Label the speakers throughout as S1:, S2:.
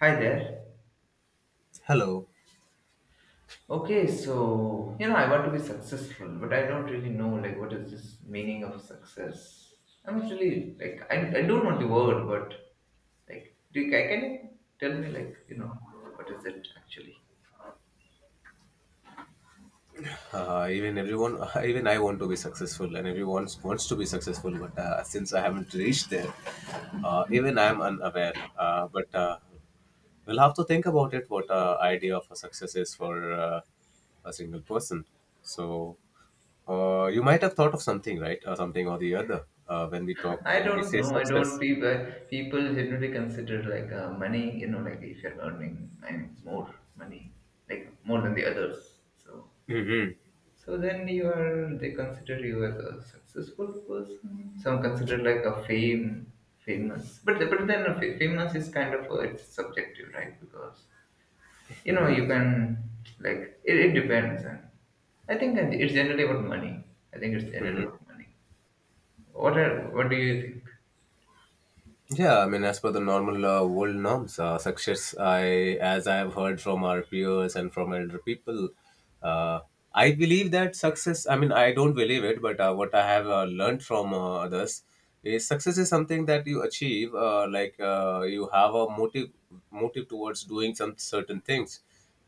S1: Hi there.
S2: Hello.
S1: I want to be successful, but I don't really know what is this meaning of success. I'm not really I don't know the word, but can you tell me what is it actually?
S2: Even everyone, even I want to be successful, and everyone wants to be successful. But since I haven't reached there, even I'm unaware. But We'll have to think about it. What Idea of a success is for a single person. So you might have thought of something, right? Something or the other.
S1: I
S2: When we
S1: don't
S2: say
S1: know. I don't
S2: success.
S1: People generally consider like money. You know, like if you're earning more money, like more than the others. So
S2: hmm
S1: So then you are they consider you as a successful person. Some consider like a fame famous, but then famous is kind of it's subjective, right? Because you know you can it depends, and I think that it's generally about money. I think it's generally
S2: hmm.
S1: about money. What do you think?
S2: Yeah, I mean, as per the normal world norms, success, I as I have heard from our peers and from elder people, uh, I believe that success. I don't believe it, but what I have learned from others is success is something that you achieve. You have a motive, motive towards doing some certain things,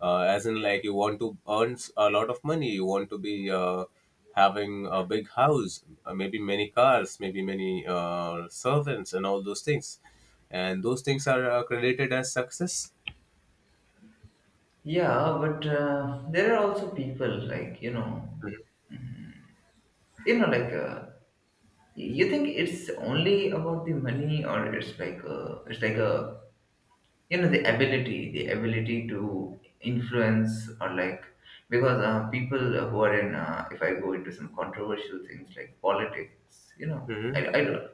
S2: as in like you want to earn s- a lot of money, you want to be. Having a big house, maybe many cars, maybe many servants, and all those things. And those things are credited as success.
S1: Yeah, but there are also people you know like uh, you think it's only about the money, or it's like a you know the ability, to influence, or like, because people who are in if I go into some controversial things like politics, you know,
S2: Hmm.
S1: I don't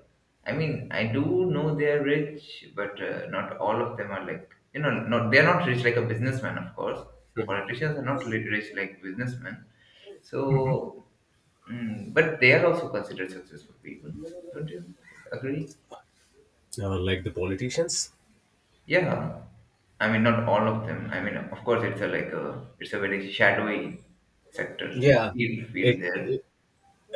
S1: I mean I do know they are rich, but not all of them are like not they're not rich like a businessman. Of course, politicians are not rich like businessmen. so but they are also considered successful people. Don't you agree?
S2: Like the politicians.
S1: Yeah, not all of them. I mean, of course, it's a like a it's a very shadowy sector,
S2: Yeah, if,
S1: field
S2: if
S1: there.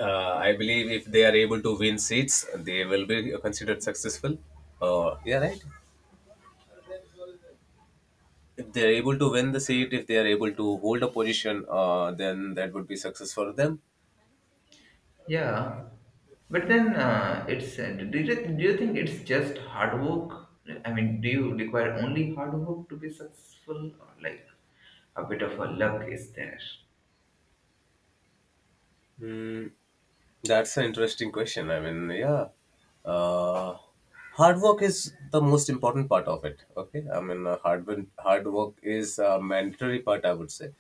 S2: uh, I believe if they are able to win seats, they will be considered successful. Yeah, right. If they are able to win the seat, if they are able to hold a position, then that would be success for them.
S1: Yeah, but then it's do you think it's just hard work? I mean, do you require only hard work to be successful, or like a bit of a luck is there?
S2: Mm, That's an interesting question. I mean, yeah, uh, hard work is the most important part of it. Okay, I mean, hard work is a mandatory part, I would say.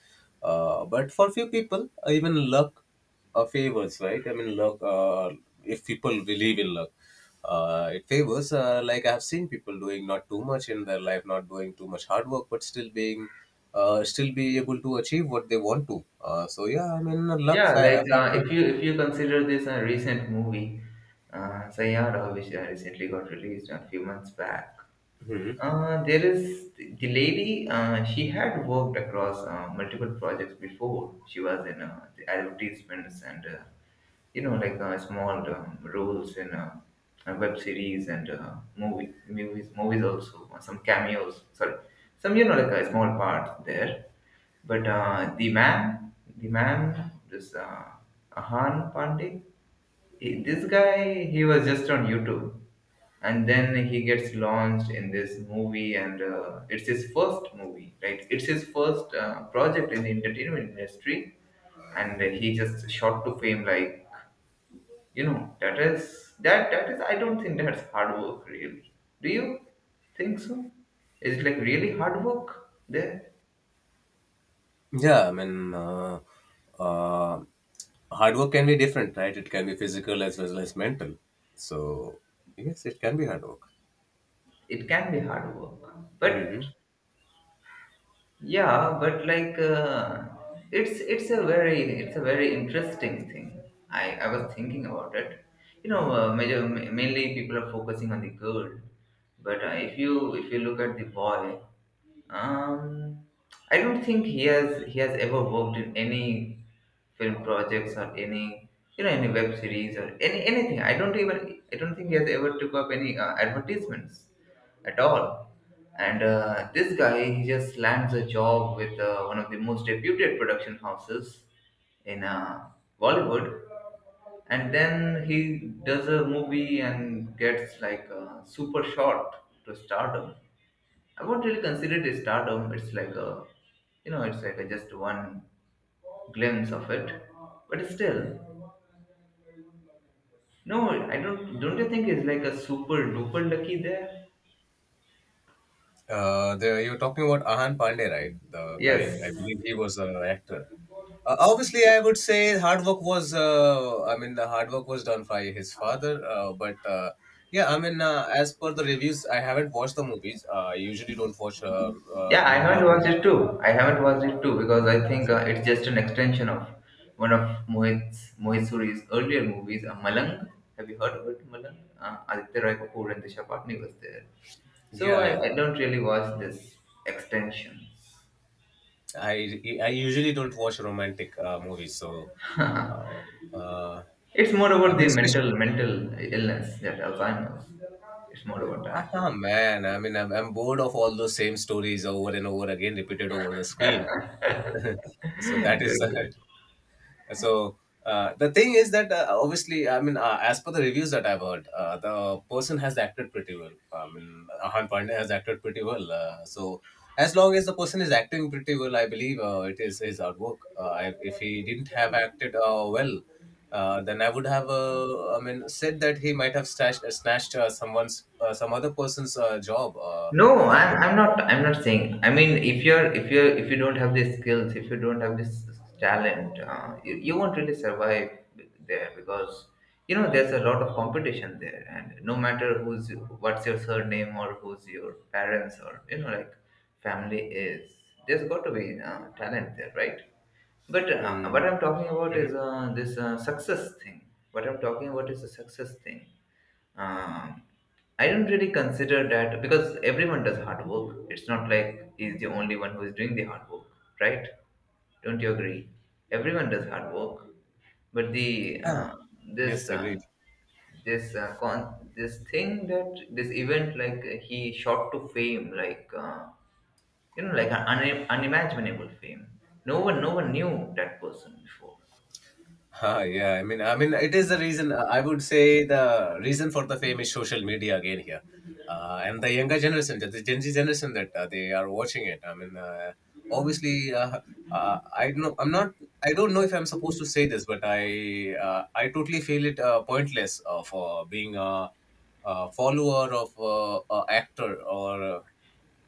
S2: But for few people, even luck favors, right? I mean, luck. If people believe in luck, it favors. Like I have seen people doing not too much in their life, not doing too much hard work, but still being, still be able to achieve what they want to. So yeah, I mean, luck
S1: Yeah, like
S2: factor.
S1: if you consider this a recent movie, Sayara, which recently got released a few months back.
S2: Mhm.
S1: There is the lady. She had worked across multiple projects before. She was in the advertisements and small roles in web series and uh, movies movies, also some cameos. Sorry, some a small part there. But the man, this Ahan Pandey. This guy, he was just on YouTube, and then he gets launched in this movie and it's his first movie, right? It's his first project in the entertainment industry, and he just shot to fame like, you know, that is, I don't think that's hard work, really. Do you think so? Is it like really hard work there?
S2: Yeah, I mean, uh, hard work can be different, right? It can be physical as well as mental. So, yes, it can be hard work.
S1: It can be hard work, but
S2: Hmm.
S1: yeah, but like it's a very, interesting thing. I was thinking about it. You know, mainly people are focusing on the girl, but if you look at the boy, um, I don't think he has ever worked in any film projects or any, you know, any web series or anything. I don't think he has ever took up any advertisements at all. And this guy, he just lands a job with one of the most reputed production houses in Bollywood. And then he does a movie and gets like a super shot to stardom. I won't really consider it a stardom. It's like a, you know, it's like a just one glimpse of it. But still, no, I don't. Don't you think it's like a super duper lucky there?
S2: You were talking about Ahan Pandey, right? The guy,
S1: Yes.
S2: I believe he was an actor. Obviously, I would say hard work was, I mean, the hard work was done by his father. But Yeah, I mean, as per the reviews, I haven't watched the movies. I usually don't watch, I
S1: Yeah, I
S2: mean,
S1: haven't
S2: love
S1: watched it
S2: romantic. Movies,
S1: too. Because I think
S2: so,
S1: it's just an extension of one of Mohit Suri's earlier movies, Malang. Have you heard of it, Malang? Aditya Roy Kapoor and Disha Patni was there. So
S2: yeah, yeah.
S1: I don't really watch this extension.
S2: I usually don't watch romantic movies, so uh, uh,
S1: It's more
S2: I
S1: about
S2: mean,
S1: the
S2: especially.
S1: mental, illness, that Alzheimer's. It's more about that.
S2: Ah man, I mean, I'm bored of all those same stories over and over again, repeated over the screen. so that
S1: That's
S2: is
S1: it.
S2: So the thing is that obviously, I mean, as per the reviews that I've heard, the person has acted pretty well. I mean, Ahan Pandey has acted pretty well. So as long as the person is acting pretty well, I believe it is his artwork. If he didn't have acted well, then I would have, I mean, said that he might have stashed, snatched someone's, some other person's job who could have benefited.
S1: I'm not. I'm not saying. I mean, if you don't have these skills, if you don't have this talent, you won't really survive there because, you know, there's a lot of competition there, and no matter what's your surname, or who's your parents, or, you know, like family is, there's got to be talent there, right? But what I'm
S2: Mm-hmm.
S1: talking about is this success thing. What I'm talking about is a success thing. Um, I don't really consider that, because everyone does hard work. It's not like he's the only one who is doing the hard work, right? Don't you agree? Everyone does hard work, but the
S2: Yeah. Yes,
S1: this
S2: agree.
S1: this this thing, that this event, like he shot to fame, like you know, like an unimaginable fame. No one knew that person before.
S2: Huh, yeah, I mean, it is the reason. I would say the reason for the fame is social media again here, and the younger generation, the Gen Z generation that they are watching it. I mean, obviously, uh, I know I'm not. I don't know if I'm supposed to say this, but I totally feel it pointless of being a follower of a actor or uh,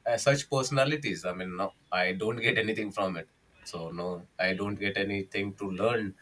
S2: uh, such personalities. I mean, no, I don't get anything from it. So no, I don't get anything to learn.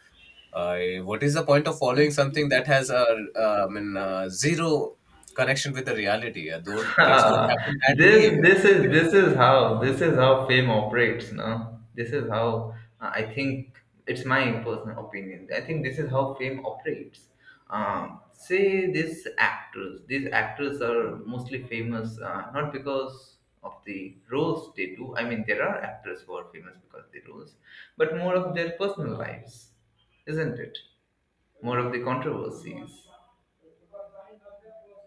S2: I what is the point of following something that has a, zero connection with the reality? Don't things don't happen that
S1: this
S2: way. Uh,
S1: this is how fame operates. No, this is how, I think, it's my personal opinion, I think this is how fame operates. Say these actors, are mostly famous not because of the roles they do. I mean, there are actors who are famous because of the roles, but more of their personal lives, isn't it? More of the controversies.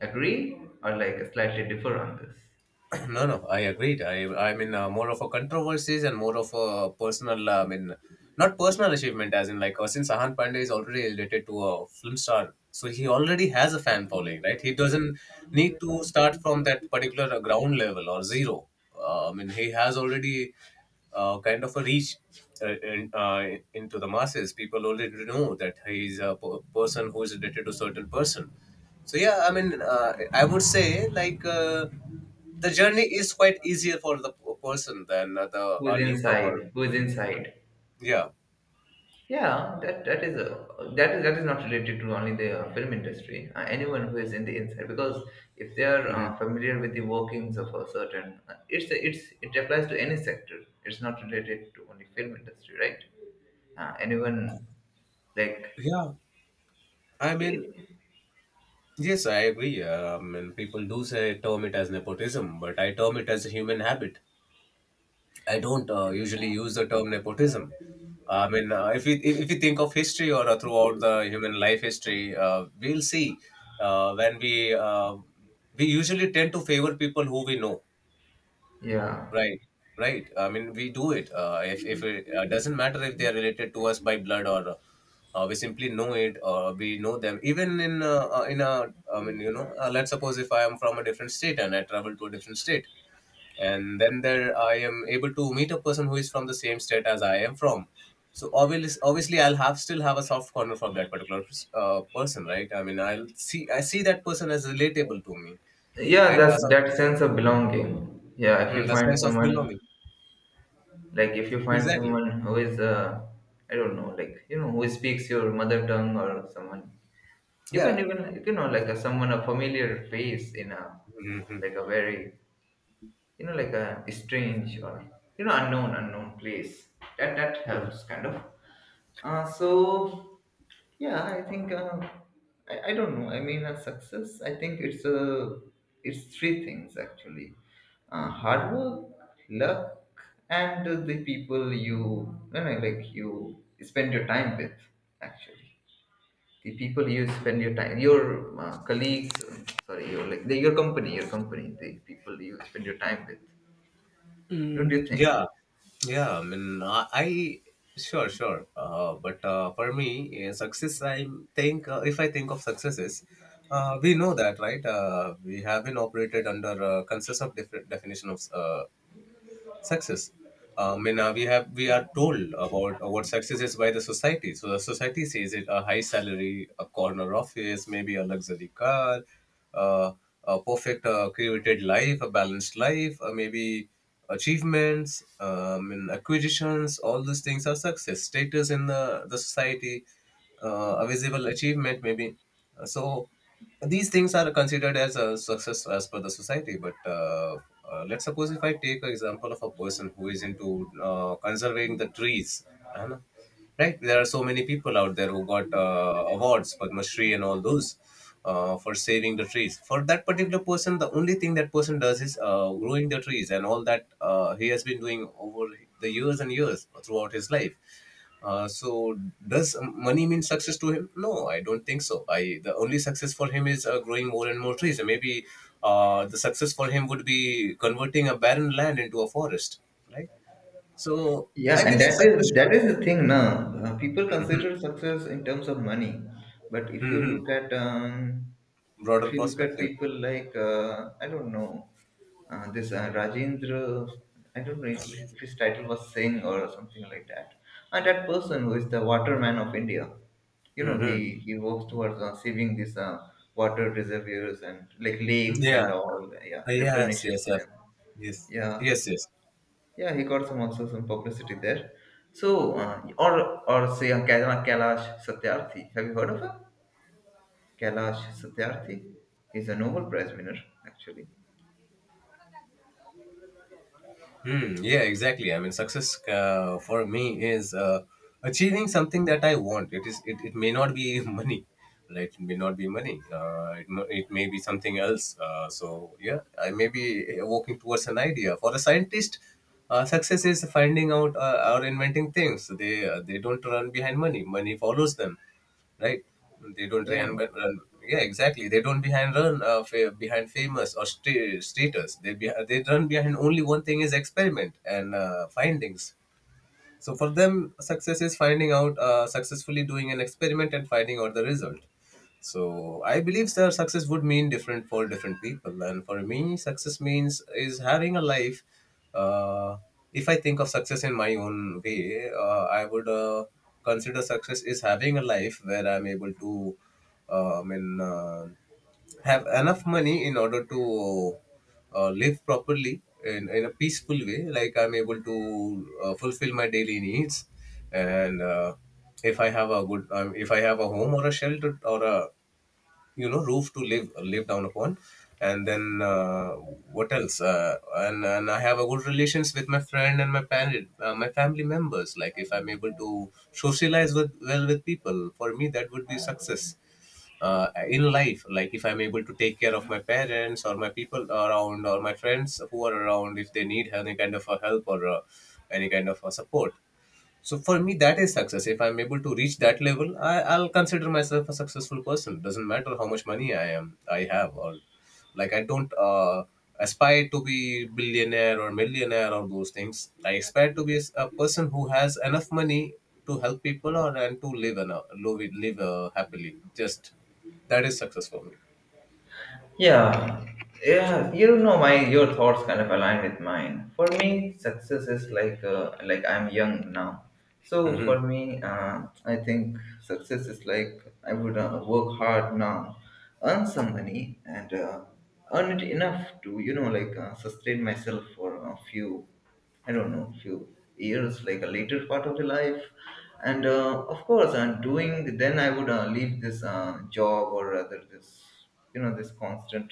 S1: Agree, or like slightly differ on this?
S2: No, no, I agreed. I mean, more of a controversies and more of a personal. I mean, not personal achievement, as in like since Sahan Pandey is already related to a film star, so he already has a fan following, right? He doesn't need to start from that particular ground level or zero. I mean, he has already kind of a reach uh, in, uh, into the masses. People already know that he is a person who is related to certain person. So yeah, I mean, I would say like the journey is quite easier for the person than the a newcomer.
S1: Who's inside?
S2: Yeah.
S1: Yeah, that that is a that is not related to only the film industry. Anyone who is in the inside, because if they are
S2: Hmm.
S1: familiar with the workings of a certain it's, it applies to any sector. It's not related to only film industry, right? Anyone, like
S2: Yeah. I mean,
S1: it,
S2: yes, I agree. And people do say term it as nepotism, but I term it as a human habit. I don't usually use the term nepotism. I mean, if we think of history or throughout the human life history, we'll see when uh, we usually tend to favor people who we know.
S1: yeah.
S2: Right, right. I mean, we do it. If it doesn't matter if they are related to us by blood or we simply know it or we know them. Even in a, I mean, you know, let's suppose if I am from a different state and I travel to a different state, and then there I am able to meet a person who is from the same state as I am from. So obviously, obviously, I'll have still have a soft corner for that particular person, right? I mean, I see that person as relatable to me,
S1: Yeah,
S2: right?
S1: that's that sense of belonging. Yeah, if
S2: Hmm,
S1: you
S2: the
S1: find
S2: sense of
S1: someone,
S2: belonging,
S1: like if you find
S2: exactly.
S1: someone who is, I don't know like you know who speaks your mother tongue, or someone you can
S2: Yeah,
S1: even, you know, like a, someone, a familiar face in a
S2: Mhm.
S1: like a very, you know, like a strange, or, you know, unknown, place, that
S2: Mm,
S1: helps kind of. So yeah, I think I don't know. I mean, a success, I think it's a, it's three things actually: hard work, luck, and the people you, you know, like you spend your time with, actually, the people you spend your time, your colleagues, sorry your like your company, the people you spend your time with. Don't you think?
S2: Yeah, yeah. I mean, I sure, sure. But For me, success. I think if I think of successes, we know that, right? We have been operated under a consensus of different definition of success. I mean, we have we are told about what success is by the society. So the society says it: a high salary, a corner office, maybe a luxury car, uh, a perfect created life, a balanced life, maybe achievements, and acquisitions. All those things are success. Status in the society, a visible achievement, maybe. So these things are considered as a success as per the society, but let's suppose if I take an example of a person who is into conserving the trees, you know, right? There are so many people out there who got awards, Padma Shri and all those for saving the trees. For that particular person, the only thing that person does is growing the trees, and all that he has been doing over the years and years throughout his life. So does money mean success to him? No, I don't think so. I the only success for him is growing more and more trees. And maybe the success for him would be converting a barren land into a forest, right? So
S1: Yeah,
S2: I
S1: and
S2: believe
S1: that
S2: success
S1: is,
S2: should
S1: that is the thing now. People
S2: Mhm.
S1: consider success in terms of money, but if you
S2: Mhm.
S1: look at
S2: broader perspective.
S1: people like I don't know this Rajendra, I don't know if his title was Singh or something like that, and that person who is the waterman of India, you know,
S2: Hmm.
S1: he works towards saving these water reservoirs and like lakes and
S2: Yeah.
S1: all, yeah,
S2: Yes.
S1: replenishes
S2: Yes. Yes.
S1: them.
S2: Yes.
S1: Yeah,
S2: Yes. Yes.
S1: yeah, he got some also some publicity there. So, or say Kailash Satyarthi. Have you heard of him? Kailash Satyarthi. He's a Nobel Prize winner, actually.
S2: Hmm. Yeah, exactly. I mean, success for me is achieving something that I want. It is. It may not be money, right? It may not be money. It may be something else. So yeah, I may be working towards an idea. For a scientist, success is finding out or inventing things. They don't run behind money. Money follows them, right? They don't try and run.
S1: Yeah,
S2: But run- Yeah, exactly. They don't behind run behind famous or street, streeters. They run behind only one thing is experiment and findings. So for them, success is finding out, successfully doing an experiment and finding out the result. So I believe their success would mean different for different people. And for me, success means is having a life. Uh, if I think of success in my own way, I would consider success is having a life where I'm able to, in have enough money in order to live properly in, a peaceful way, like I'm able to fulfill my daily needs, and if I have a good if I have a home or a shelter or a roof to live down upon. And then what else and I have a good relations with my friend and my parent, my family members. Like if I'm able to socialize with well with people, for me that would be success in life. Like if I'm able to take care of my parents or my people around or my friends who are around, if they need any kind of a help or any kind of a support, so for me, that is success. If I'm able to reach that level, I'll consider myself a successful person. Doesn't matter how much money I have, or like I don't aspire to be billionaire or millionaire or those things. I aspire to be a person who has enough money to help people or and to live and live it- live happily. Just that is success for me.
S1: yeah, yeah. You know, my your thoughts kind of align with mine. For me, success is like I'm young now. So for
S2: Mm-hmm.
S1: me, I think success is like I would work hard now, earn some money, and earn it enough to, you know, like sustain myself for a few, I don't know, few years, like a later part of the life. And of course I'm doing, then I would leave this job, or rather this, you know, this constant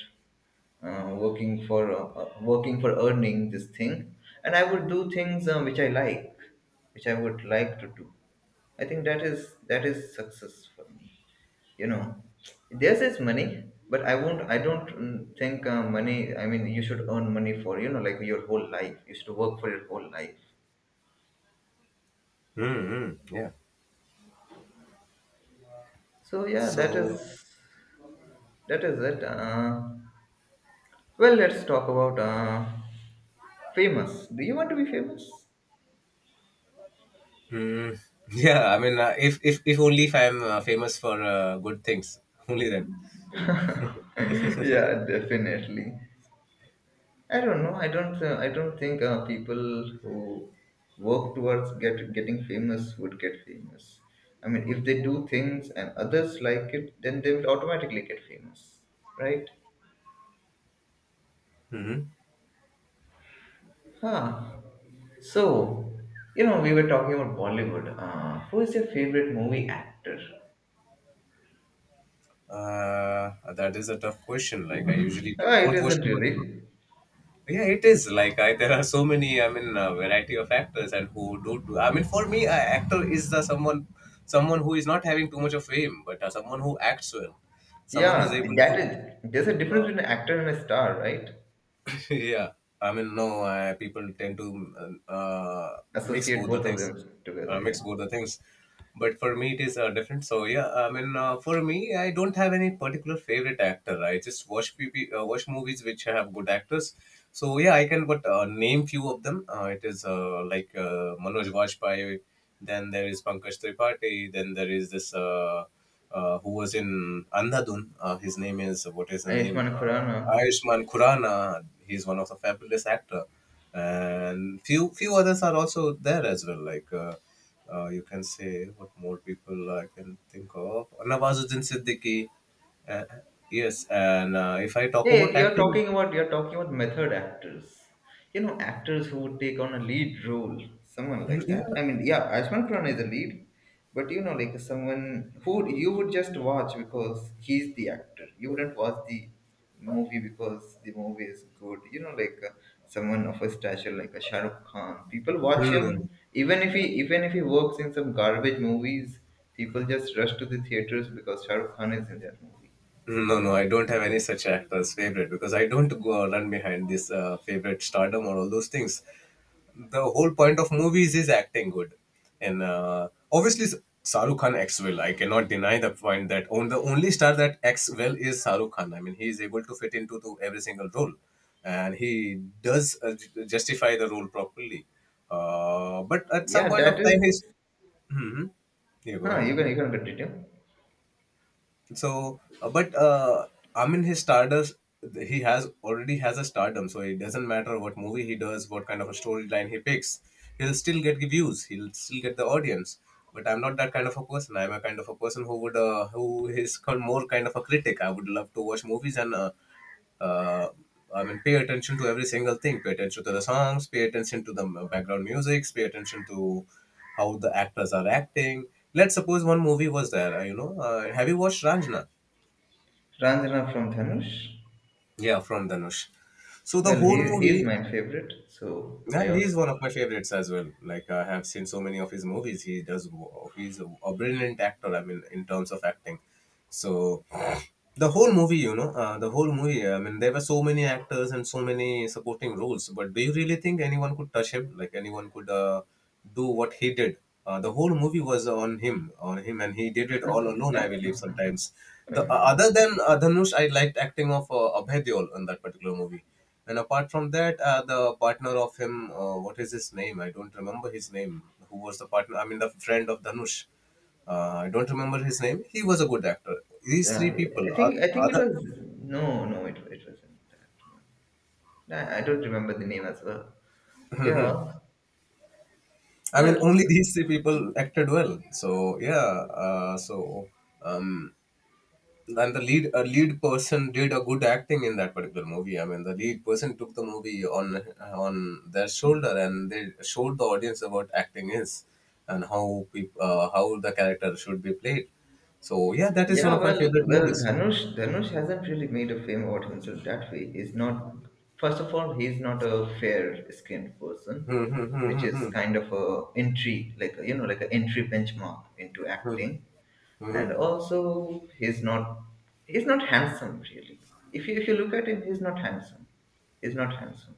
S1: working for earning this thing, and I would do things which I like, which I would like to do. I think that is, success for me, you know. There's is money, but I won't, I don't, think money, I mean, you should earn money for, you know, like your whole life? You should work for your whole life?
S2: Mm-hmm. Yeah.
S1: So yeah,
S2: So,
S1: that is it. Well, let's talk about famous. Do you want to be famous?
S2: mm, yeah, I mean, if, if only if I'm famous for good things, only then.
S1: Yeah, definitely. I don't know. I don't think people who work towards getting famous would get famous. I mean, if they do things and others like it, then they will automatically get famous, right?
S2: Hmm.
S1: Huh. So, you know, we were talking about Bollywood. Who is your favorite movie actor?
S2: Uh, that is a tough question. Like I usually
S1: Ah, it
S2: don't watch
S1: isn't
S2: too much of-
S1: really.
S2: Yeah, it is. Like there are so many. I mean, variety of actors and who do. Do I mean, for me, actor is the someone who is not having too much of fame, but someone who acts well, someone who is
S1: Yeah,
S2: able
S1: that
S2: to.
S1: is. There's a difference
S2: Uh,
S1: between an actor and a star, right?
S2: yeah, I mean, no, people tend to mix
S1: Associate
S2: both the
S1: both of
S2: things,
S1: them together. Yeah.
S2: mix both the things. But for me, it is different. So yeah, I mean, for me, I don't have any particular favorite actor, right? I just watch movies which have good actors. So yeah, I can but name few of them. It is like Manoj Vajpayee. Then there is Pankaj Tripathi. Then there is this, who was in Andhadhun. His name is, what is the name?
S1: Ayushmann Khurrana.
S2: Ayushman Khurana. He's one of the fabulous actor, and few others are also there as well. Like, you can say, what more people I can think of. Nawazuddin Siddiqui. Uh, yes, and if I talk
S1: Yeah, yeah,
S2: about acting.
S1: you're talking about method actors. You know, actors who would take on a lead role, someone
S2: Hmm,
S1: like that.
S2: yeah.
S1: I mean, yeah, Ashman Khurana is a lead, but you know, like someone who would- you would just watch because he's the actor. You wouldn't watch the movie because the movie is good. You know, someone of a stature like a Shah Rukh Khan. People watch him
S2: Mm.
S1: even if he works in some garbage movies. People just rush to the theaters because Shah Rukh Khan is in that movie.
S2: No, no, no, I don't have any such actor's favorite because I don't go run behind this favorite stardom or all those things. The whole point of movies is acting good, and obviously Shahrukh Khan acts well. I cannot deny the point that on the only star that acts well is Shahrukh Khan. I mean, he is able to fit into to every single role, and he does justify the role properly. But at some
S1: Yeah,
S2: point of
S1: that
S2: time,
S1: is.
S2: he's. Hmm. You go ahead.
S1: You can continue.
S2: So, but I mean, his stardust, he has already has a stardom, so it doesn't matter what movie he does, what kind of a storyline he picks, he'll still get views, he'll still get the audience. But I'm not that kind of a person. I'm a kind of a person who would, who is more kind of a critic. I would love to watch movies and uh, I mean, pay attention to every single thing. Pay attention to the songs. Pay attention to the background music. Pay attention to how the actors are acting. Let's suppose one movie was there. You know, have you watched Ranjana?
S1: Ranjana from Dhanush.
S2: Yeah, from Dhanush. So the
S1: Well,
S2: whole
S1: he
S2: movie,
S1: he's my favorite. So
S2: yeah,
S1: I also,
S2: he's one of my favorites as well. Like I have seen so many of his movies. He does. He's a brilliant actor. I mean, in terms of acting, so the whole movie. I mean, there were so many actors and so many supporting roles. But do you really think anyone could touch him? Like anyone could do what he did? The whole movie was on him, and he did it all alone. I believe sometimes. The other than Dhanush, I liked acting of Abhay Deol in that particular movie. And apart from that, the partner of him, what is his name? I don't remember his name. Who was the partner? I mean, the friend of Dhanush. I don't remember his name. He was a good actor. These
S1: yeah,
S2: three people
S1: I
S2: are
S1: think I think it
S2: other.
S1: was. No, it wasn't that one. Nah, I don't remember the name as well. Yeah.
S2: I mean,
S1: Well
S2: only these three people acted well. So yeah. Uh, so um, and the lead person did a good acting in that particular movie. I mean, the lead person took the movie on their shoulder, and they showed the audience about acting is, and how how the character should be played. So yeah, that is one
S1: yeah,
S2: of my
S1: well,
S2: favorite
S1: well,
S2: movies.
S1: Dhanush hasn't really made a fame about himself that way. He's not, first of all, he's not a fair skinned person,
S2: Hmm, hmm, hmm,
S1: which
S2: hmm,
S1: is
S2: hmm,
S1: kind of a entry like a, you know, like an entry benchmark into
S2: hmm,
S1: acting.
S2: hmm, hmm.
S1: And also he's not, he's not handsome really. If you look at him, he's not handsome, he's not handsome,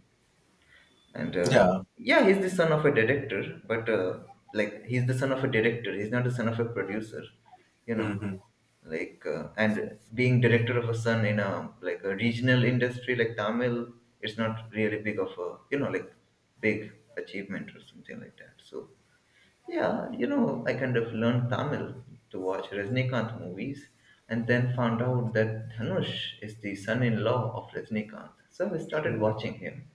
S1: and
S2: Yeah.
S1: yeah, he's the son of a director, but like he's the son of a director, he's not the son of a producer, you know,
S2: Hmm, hmm,
S1: like and being director of a son in a, like a regional industry like Tamil, it's not really big of a, you know, like big achievement or something like that. So yeah, you know, I kind of learned Tamil to watch Rajnikanth movies, and then found out that Dhanush is the son-in-law of Rajnikanth. So I started
S2: hmm, hmm,
S1: watching him.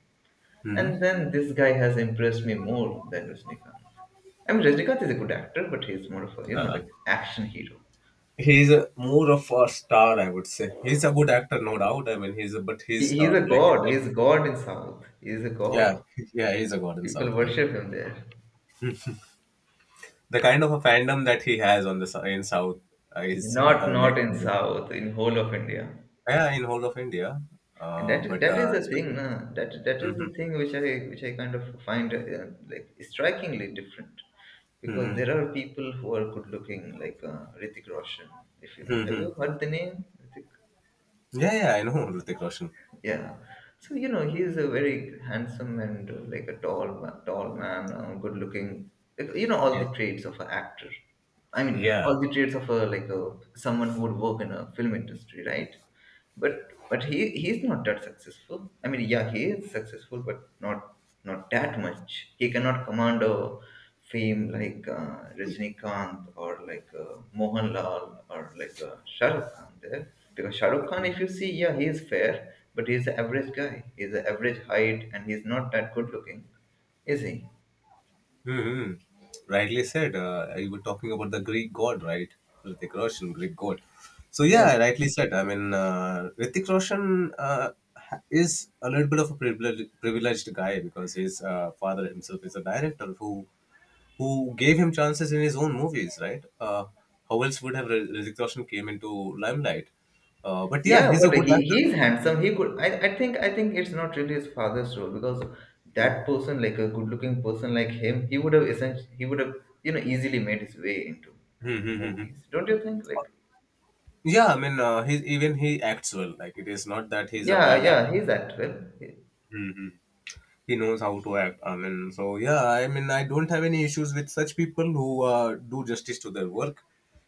S1: And
S2: hmm.
S1: then this guy has impressed me more than Rajnikanth. I mean, Rajnikanth is a good actor, but he's more of a, you know, like action hero.
S2: He's more of a star, I would say. He's a good actor, no doubt. I mean, he's a but
S1: He,
S2: he's
S1: he's
S2: star,
S1: a
S2: like you
S1: god.
S2: said.
S1: He's a god in South. He's a
S2: Yeah.
S1: god.
S2: Yeah, he's a god in
S1: People
S2: South, like
S1: worship him there.
S2: the kind of a fandom that he has on the in South is
S1: Not, not
S2: next
S1: in
S2: level.
S1: South, in whole of India.
S2: Yeah, in whole of India,
S1: And
S2: uh,
S1: that
S2: but
S1: that is
S2: uh,
S1: the thing
S2: specific.
S1: na, that is
S2: Hmm.
S1: the thing which I kind of find like strikingly different, because
S2: Hmm.
S1: there are people who are good looking like Ritik Roshan. If you, Have
S2: Hmm.
S1: you heard the name Ritik?
S2: Yeah, yeah, I know Hrithik Roshan.
S1: Yeah. So you know he is a very handsome and like a tall man, good looking. Like, you know, all
S2: Yeah,
S1: the traits of an actor. I mean,
S2: yeah.
S1: all the traits of a, like a someone who would work in a film industry, right? But he's not that successful. I mean, yeah, he is successful, but not that much. He cannot command a fame like Rajinikanth or like Mohanlal or like Shah Khan there. Because Shah Rukh Khan, if you see, yeah, he is fair, but he's an average guy. He's an average height, and he's not that good looking, is he?
S2: Hmm. Rightly said. You were talking about the Greek god, right? Hrithik Roshan, Greek god. So
S1: Yes.
S2: yeah, rightly said. I mean, Hrithik Roshan is a little bit of a privileged guy because his father himself is a director who gave him chances in his own movies, right? How else would have Hrithik Roshan came into limelight? But yeah,
S1: Yeah,
S2: he's a
S1: but
S2: good
S1: he
S2: actor.
S1: he's handsome. He could. I think it's not really his father's role, because that person, like a good looking person like him, he would have, essentially he would have, you know, easily made his way into
S2: Hmm, hmm, hmm, hmm.
S1: movies. Don't you think? Like,
S2: Yeah, I mean, he even he acts well. Like, it is not that he's a
S1: yeah,
S2: bad
S1: yeah,
S2: actor.
S1: he's actor.
S2: Hmm, hmm. He knows how to act. I mean, so yeah, I mean, I don't have any issues with such people who do justice to their work.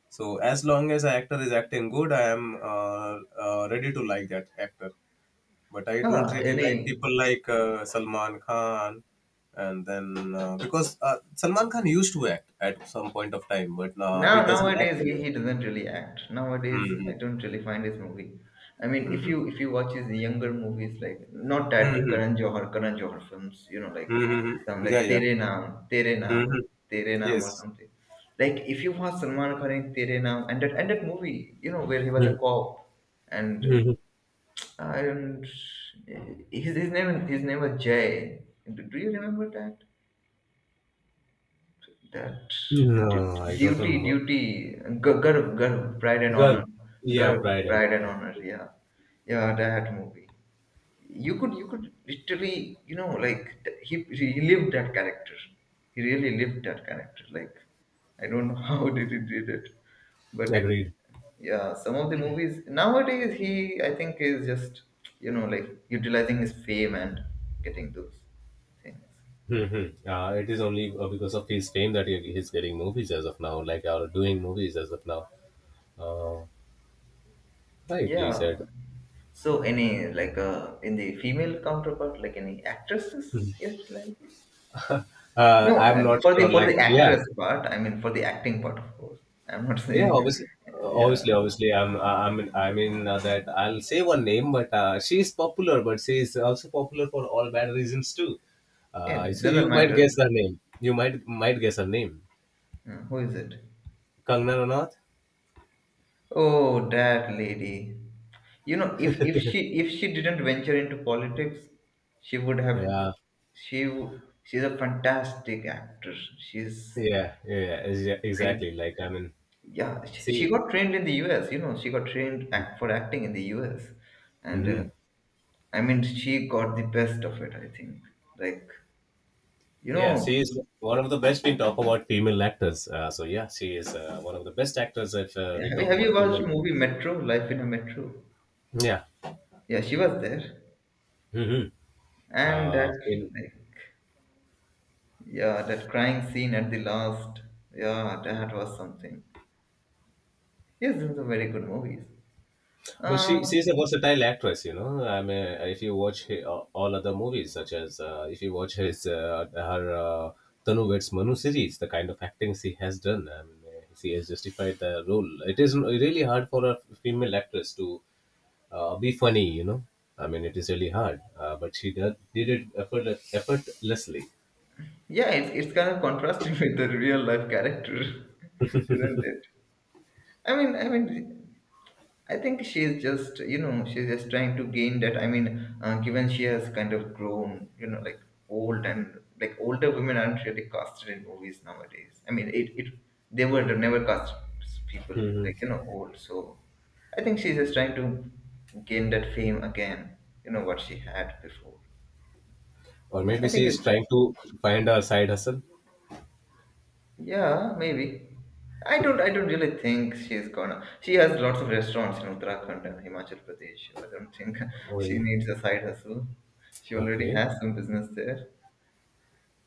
S2: So as long as an actor is acting good, I am ready to like that actor. But I don't
S1: Huh,
S2: really like
S1: any?
S2: people like Salman Khan, and then because Salman Khan used to act at some point of time, but now he
S1: Now
S2: doesn't act
S1: nowadays
S2: anymore.
S1: he doesn't really act. Nowadays
S2: Hmm.
S1: I don't really find his movie. I mean, if
S2: Hmm.
S1: you if you watch his younger movies like not that
S2: Hmm.
S1: Karan Johar films, you know, like
S2: Hmm.
S1: some
S2: Yeah,
S1: like
S2: yeah.
S1: Tere Naam Tere
S2: Hmm.
S1: Naam Tere Naam
S2: Yes.
S1: or something. Like if you watch Salman Khan in Tere Naam and that movie, you know, where he was a cop and
S2: Hmm.
S1: uh, and uh, his name was Jay. Do you remember that? That
S2: No, no, I don't
S1: duty,
S2: remember.
S1: duty, garv, garv, pride and
S2: Girl,
S1: honor,
S2: yeah,
S1: garv,
S2: Pride and
S1: pride
S2: all
S1: and
S2: that.
S1: honor. Yeah, yeah, that movie. You could literally, you know, he lived that character. He really lived that character. Like, I don't know how did he did it, but
S2: Agreed.
S1: yeah, some of the movies nowadays he, I think, is just, you know, like utilizing his fame and getting those things.
S2: Mm-hmm. It is only because of his fame that he's getting movies as of now, like or doing movies as of now. Uh, Rightly
S1: Yeah.
S2: said.
S1: So any like in the female counterpart, like any actresses you like? No,
S2: I'm not
S1: for the
S2: sure.
S1: for
S2: Like,
S1: the
S2: yeah.
S1: actress part, I mean for the acting part, of course. I'm not
S2: Yeah,
S1: saying.
S2: obviously,
S1: Yeah,
S2: obviously, obviously. I mean, that I'll say one name, but she is popular, but she is also popular for all bad reasons too.
S1: yeah, it
S2: So
S1: doesn't
S2: you might
S1: matter.
S2: guess her name. You might guess her name.
S1: Who is it?
S2: Kangna Ranaut.
S1: Oh, that lady. You know, if she didn't venture into politics, she would have.
S2: Yeah,
S1: She's a fantastic actress. She's,
S2: yeah, yeah,
S1: I,
S2: exactly. Like, I mean,
S1: yeah, she
S2: see.
S1: got trained in the US, you know, she got trained act, for acting in the US. and
S2: Hmm.
S1: uh, I mean she got the best of it I think, like, you
S2: Yeah,
S1: know.
S2: she is one of the best, we talk about female actors. So yeah, she is one of the best actors if we
S1: have you,
S2: talk
S1: have
S2: about
S1: you watched
S2: female.
S1: movie Metro, Life in a Metro?
S2: Yeah.
S1: Yeah, she was there
S2: Mm-hmm.
S1: and that,
S2: In
S1: like, yeah, that crying scene at the last, yeah, that was something. Yes, these are very good movies.
S2: I mean,
S1: Um,
S2: she's a versatile actress, you know. I mean, if you watch all other movies, such as if you watch his her Tanu Vets Manu series, the kind of acting she has done. I mean, she has justified the role. It is really hard for a female actress to be funny, you know. I mean, it is really hard, but she did it effortlessly.
S1: yeah, it's kind of contrasting with the real life character, isn't it? I mean, I mean, I think she's just, you know, she's just trying to gain that. I mean, given she has kind of grown, you know, like old, and like older women aren't really casted in movies nowadays. I mean, it, they were never cast people like you
S2: Hmm.
S1: know old. So I think she's just trying to gain that fame again. You know what she had before.
S2: Or maybe
S1: I think
S2: she is
S1: it's.
S2: trying to find her side hustle.
S1: Yeah, maybe. I don't. I don't really think she's gonna. She has lots of restaurants in Uttarakhand and Himachal Pradesh. So I don't think
S2: Oh,
S1: she
S2: yeah.
S1: needs a side hustle. She already
S2: Okay.
S1: has some business there.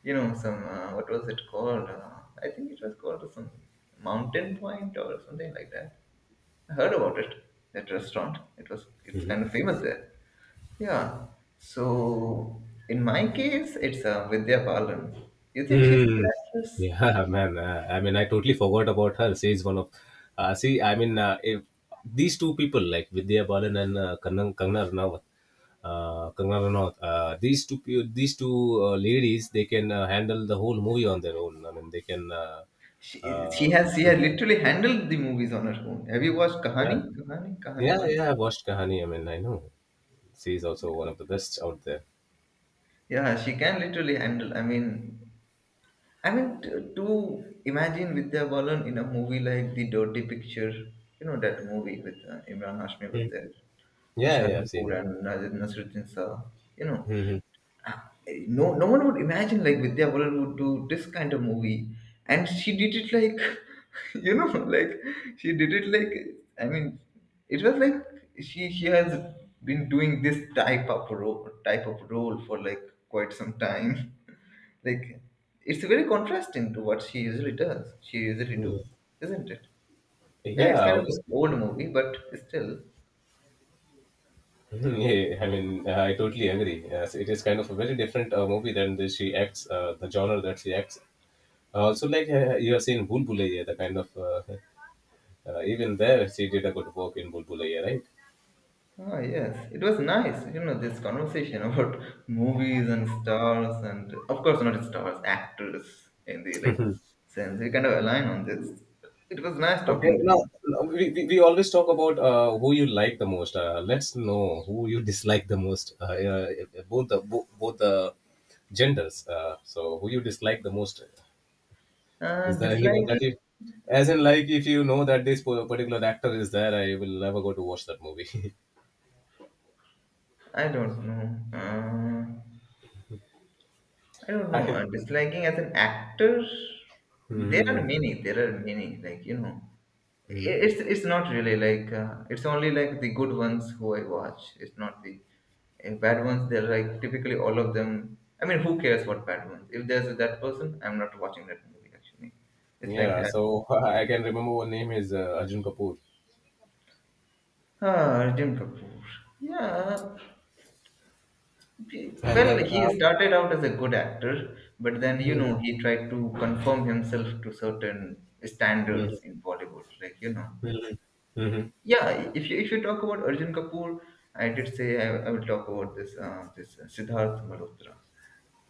S1: You know, some what was it called? I think it was called some Mountain Point or something like that. I heard about it. That restaurant. It was. It's kind of famous there. Yeah. So in my case, it's Vidya Balan. You think she's a good
S2: Mm.
S1: actress?
S2: Yeah, man. I mean, I totally forgot about her. She is one of, see, I mean, if these two people like Vidya Balan and Kangna Ranaut, these two ladies, they can handle the whole movie on their own. I mean, they can,
S1: She she
S2: uh,
S1: has she
S2: Mhm.
S1: has literally handled the movies on her own. Have you watched
S2: Yeah,
S1: Kahani? Kahani? Kahani
S2: yeah,
S1: one.
S2: yeah. I watched Kahani. I mean, I know she is also one of the best out there.
S1: Yeah, she can literally handle. I mean, I mean, to imagine Vidya Balan in a movie like The Dirty Picture. You know that movie with Imran Hashmi was
S2: Mm.
S1: there,
S2: Yeah,
S1: Tushar
S2: yeah, I've seen
S1: Kapoor
S2: it.
S1: and Nasruddin Shah. You know,
S2: Hmm.
S1: no one would imagine like Vidya Balan would do this kind of movie, and she did it like, you know, like she did it like, I mean, it was like, she has been doing this type of role for like quite some time, like, it's very contrasting to what she usually does, she usually do, isn't it? Yeah, it's
S2: Yeah,
S1: kind of an
S2: obviously.
S1: old movie but still.
S2: Yeah, I mean, I totally agree. Yes, it is kind of a very different movie than the she acts, the genre that she acts. Also, like you have seen Bulbulaya, the kind of even there she did a good work in Bulbulaya, right?
S1: Ah, yes, it was nice, you know, this conversation about movies and stars, and of course, not stars, actors in the like sense. We kind of align on this. It was nice
S2: Okay,
S1: talking to
S2: now
S1: you.
S2: we always talk about who you like the most. Let's know who you dislike the most. Both the both the genders. So who you dislike the most? Is there anyone
S1: Disliking,
S2: that you, as in like, if you know that this particular actor is there, I will never go to watch that movie.
S1: I don't know. Uh, I don't know.
S2: I,
S1: Disliking as an actor,
S2: hmm.
S1: there are many, like, you know.
S2: Hmm.
S1: It's not really like it's only like the good ones who I watch. It's not the bad ones. They're like typically all of them. I mean, who cares what bad ones? If there's that person, I'm not watching that movie. Actually, it's like
S2: Yeah,
S1: that.
S2: so I can remember one name is Arjun Kapoor,
S1: Ah, Arjun Kapoor. Yeah.
S2: and
S1: Well,
S2: then
S1: he started out as a good actor, but then you know he tried to conform himself to certain
S2: Hmm.
S1: standards in Bollywood. Like you know,
S2: Hmm.
S1: yeah, if you talk about Arjun Kapoor, I did say I will talk about this Siddharth Malhotra.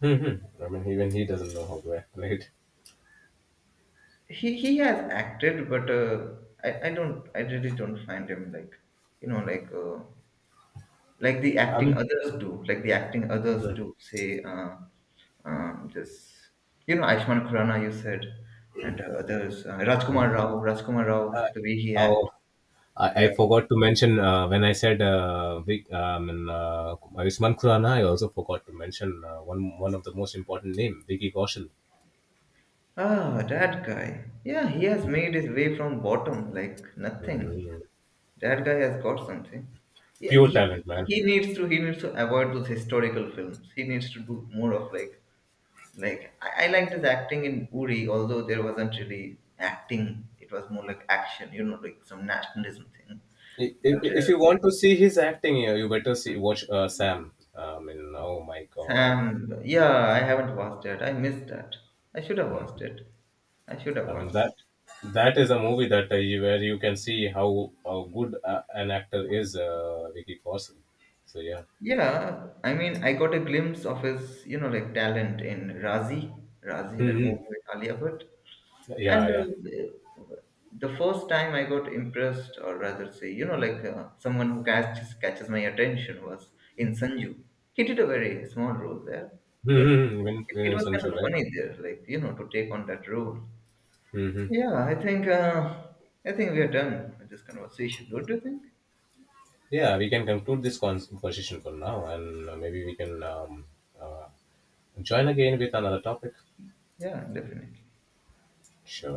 S2: Hmm. I mean, even he doesn't know how to act, right?
S1: He has acted, but I don't, I really don't find him like, you know, like the acting
S2: Um,
S1: others do, like the acting others
S2: mhm.
S1: do. Say this, you know, Ayushmann Khurrana you said, and others
S2: Oh,
S1: Rajkumar Rao, Rajkumar
S2: uh,
S1: Rao, the way he acts,
S2: oh,
S1: yeah.
S2: I forgot to mention when I said and Ayushmann Khurrana. I also forgot to mention one of the most important name, Vicky Kaushal.
S1: Ah, that guy. Yeah, he has made his way from bottom like nothing.
S2: Mhm.
S1: That guy has got something. Yeah,
S2: Pure
S1: he,
S2: talent, man.
S1: he needs to avoid those historical films. He needs to do more of like I liked his acting in Uri, although there wasn't really acting. It was more like action, you know, like some nationalism thing. But
S2: If you want to see his acting, you better see watch Sam. I mean, oh my God!
S1: Sam, yeah, I haven't watched that. I missed that. I should have
S2: Mhm.
S1: watched it. I should have
S2: I mean,
S1: watched
S2: that
S1: it.
S2: that is a movie that where you can see how good an actor is, Vicky Kaushal. So yeah.
S1: Yeah, I mean, I got a glimpse of his, you know, like talent in Razi, Razi, that
S2: Mhm.
S1: movie with Alia Bhatt.
S2: Yeah,
S1: And
S2: yeah.
S1: the first time I got impressed, or rather say, you know, like someone who catches my attention was in Sanju. He did a very small role there, but
S2: Mm-hmm. When,
S1: it
S2: when
S1: was
S2: Sanju,
S1: kind of
S2: right?
S1: funny there, like you know, to take on that role. So
S2: Hmm.
S1: yeah, I think we are done with this conversation. Don't you think?
S2: Yeah, we can conclude this conversation for now, and maybe we can uh, join again with another topic.
S1: Yeah, definitely.
S2: Sure.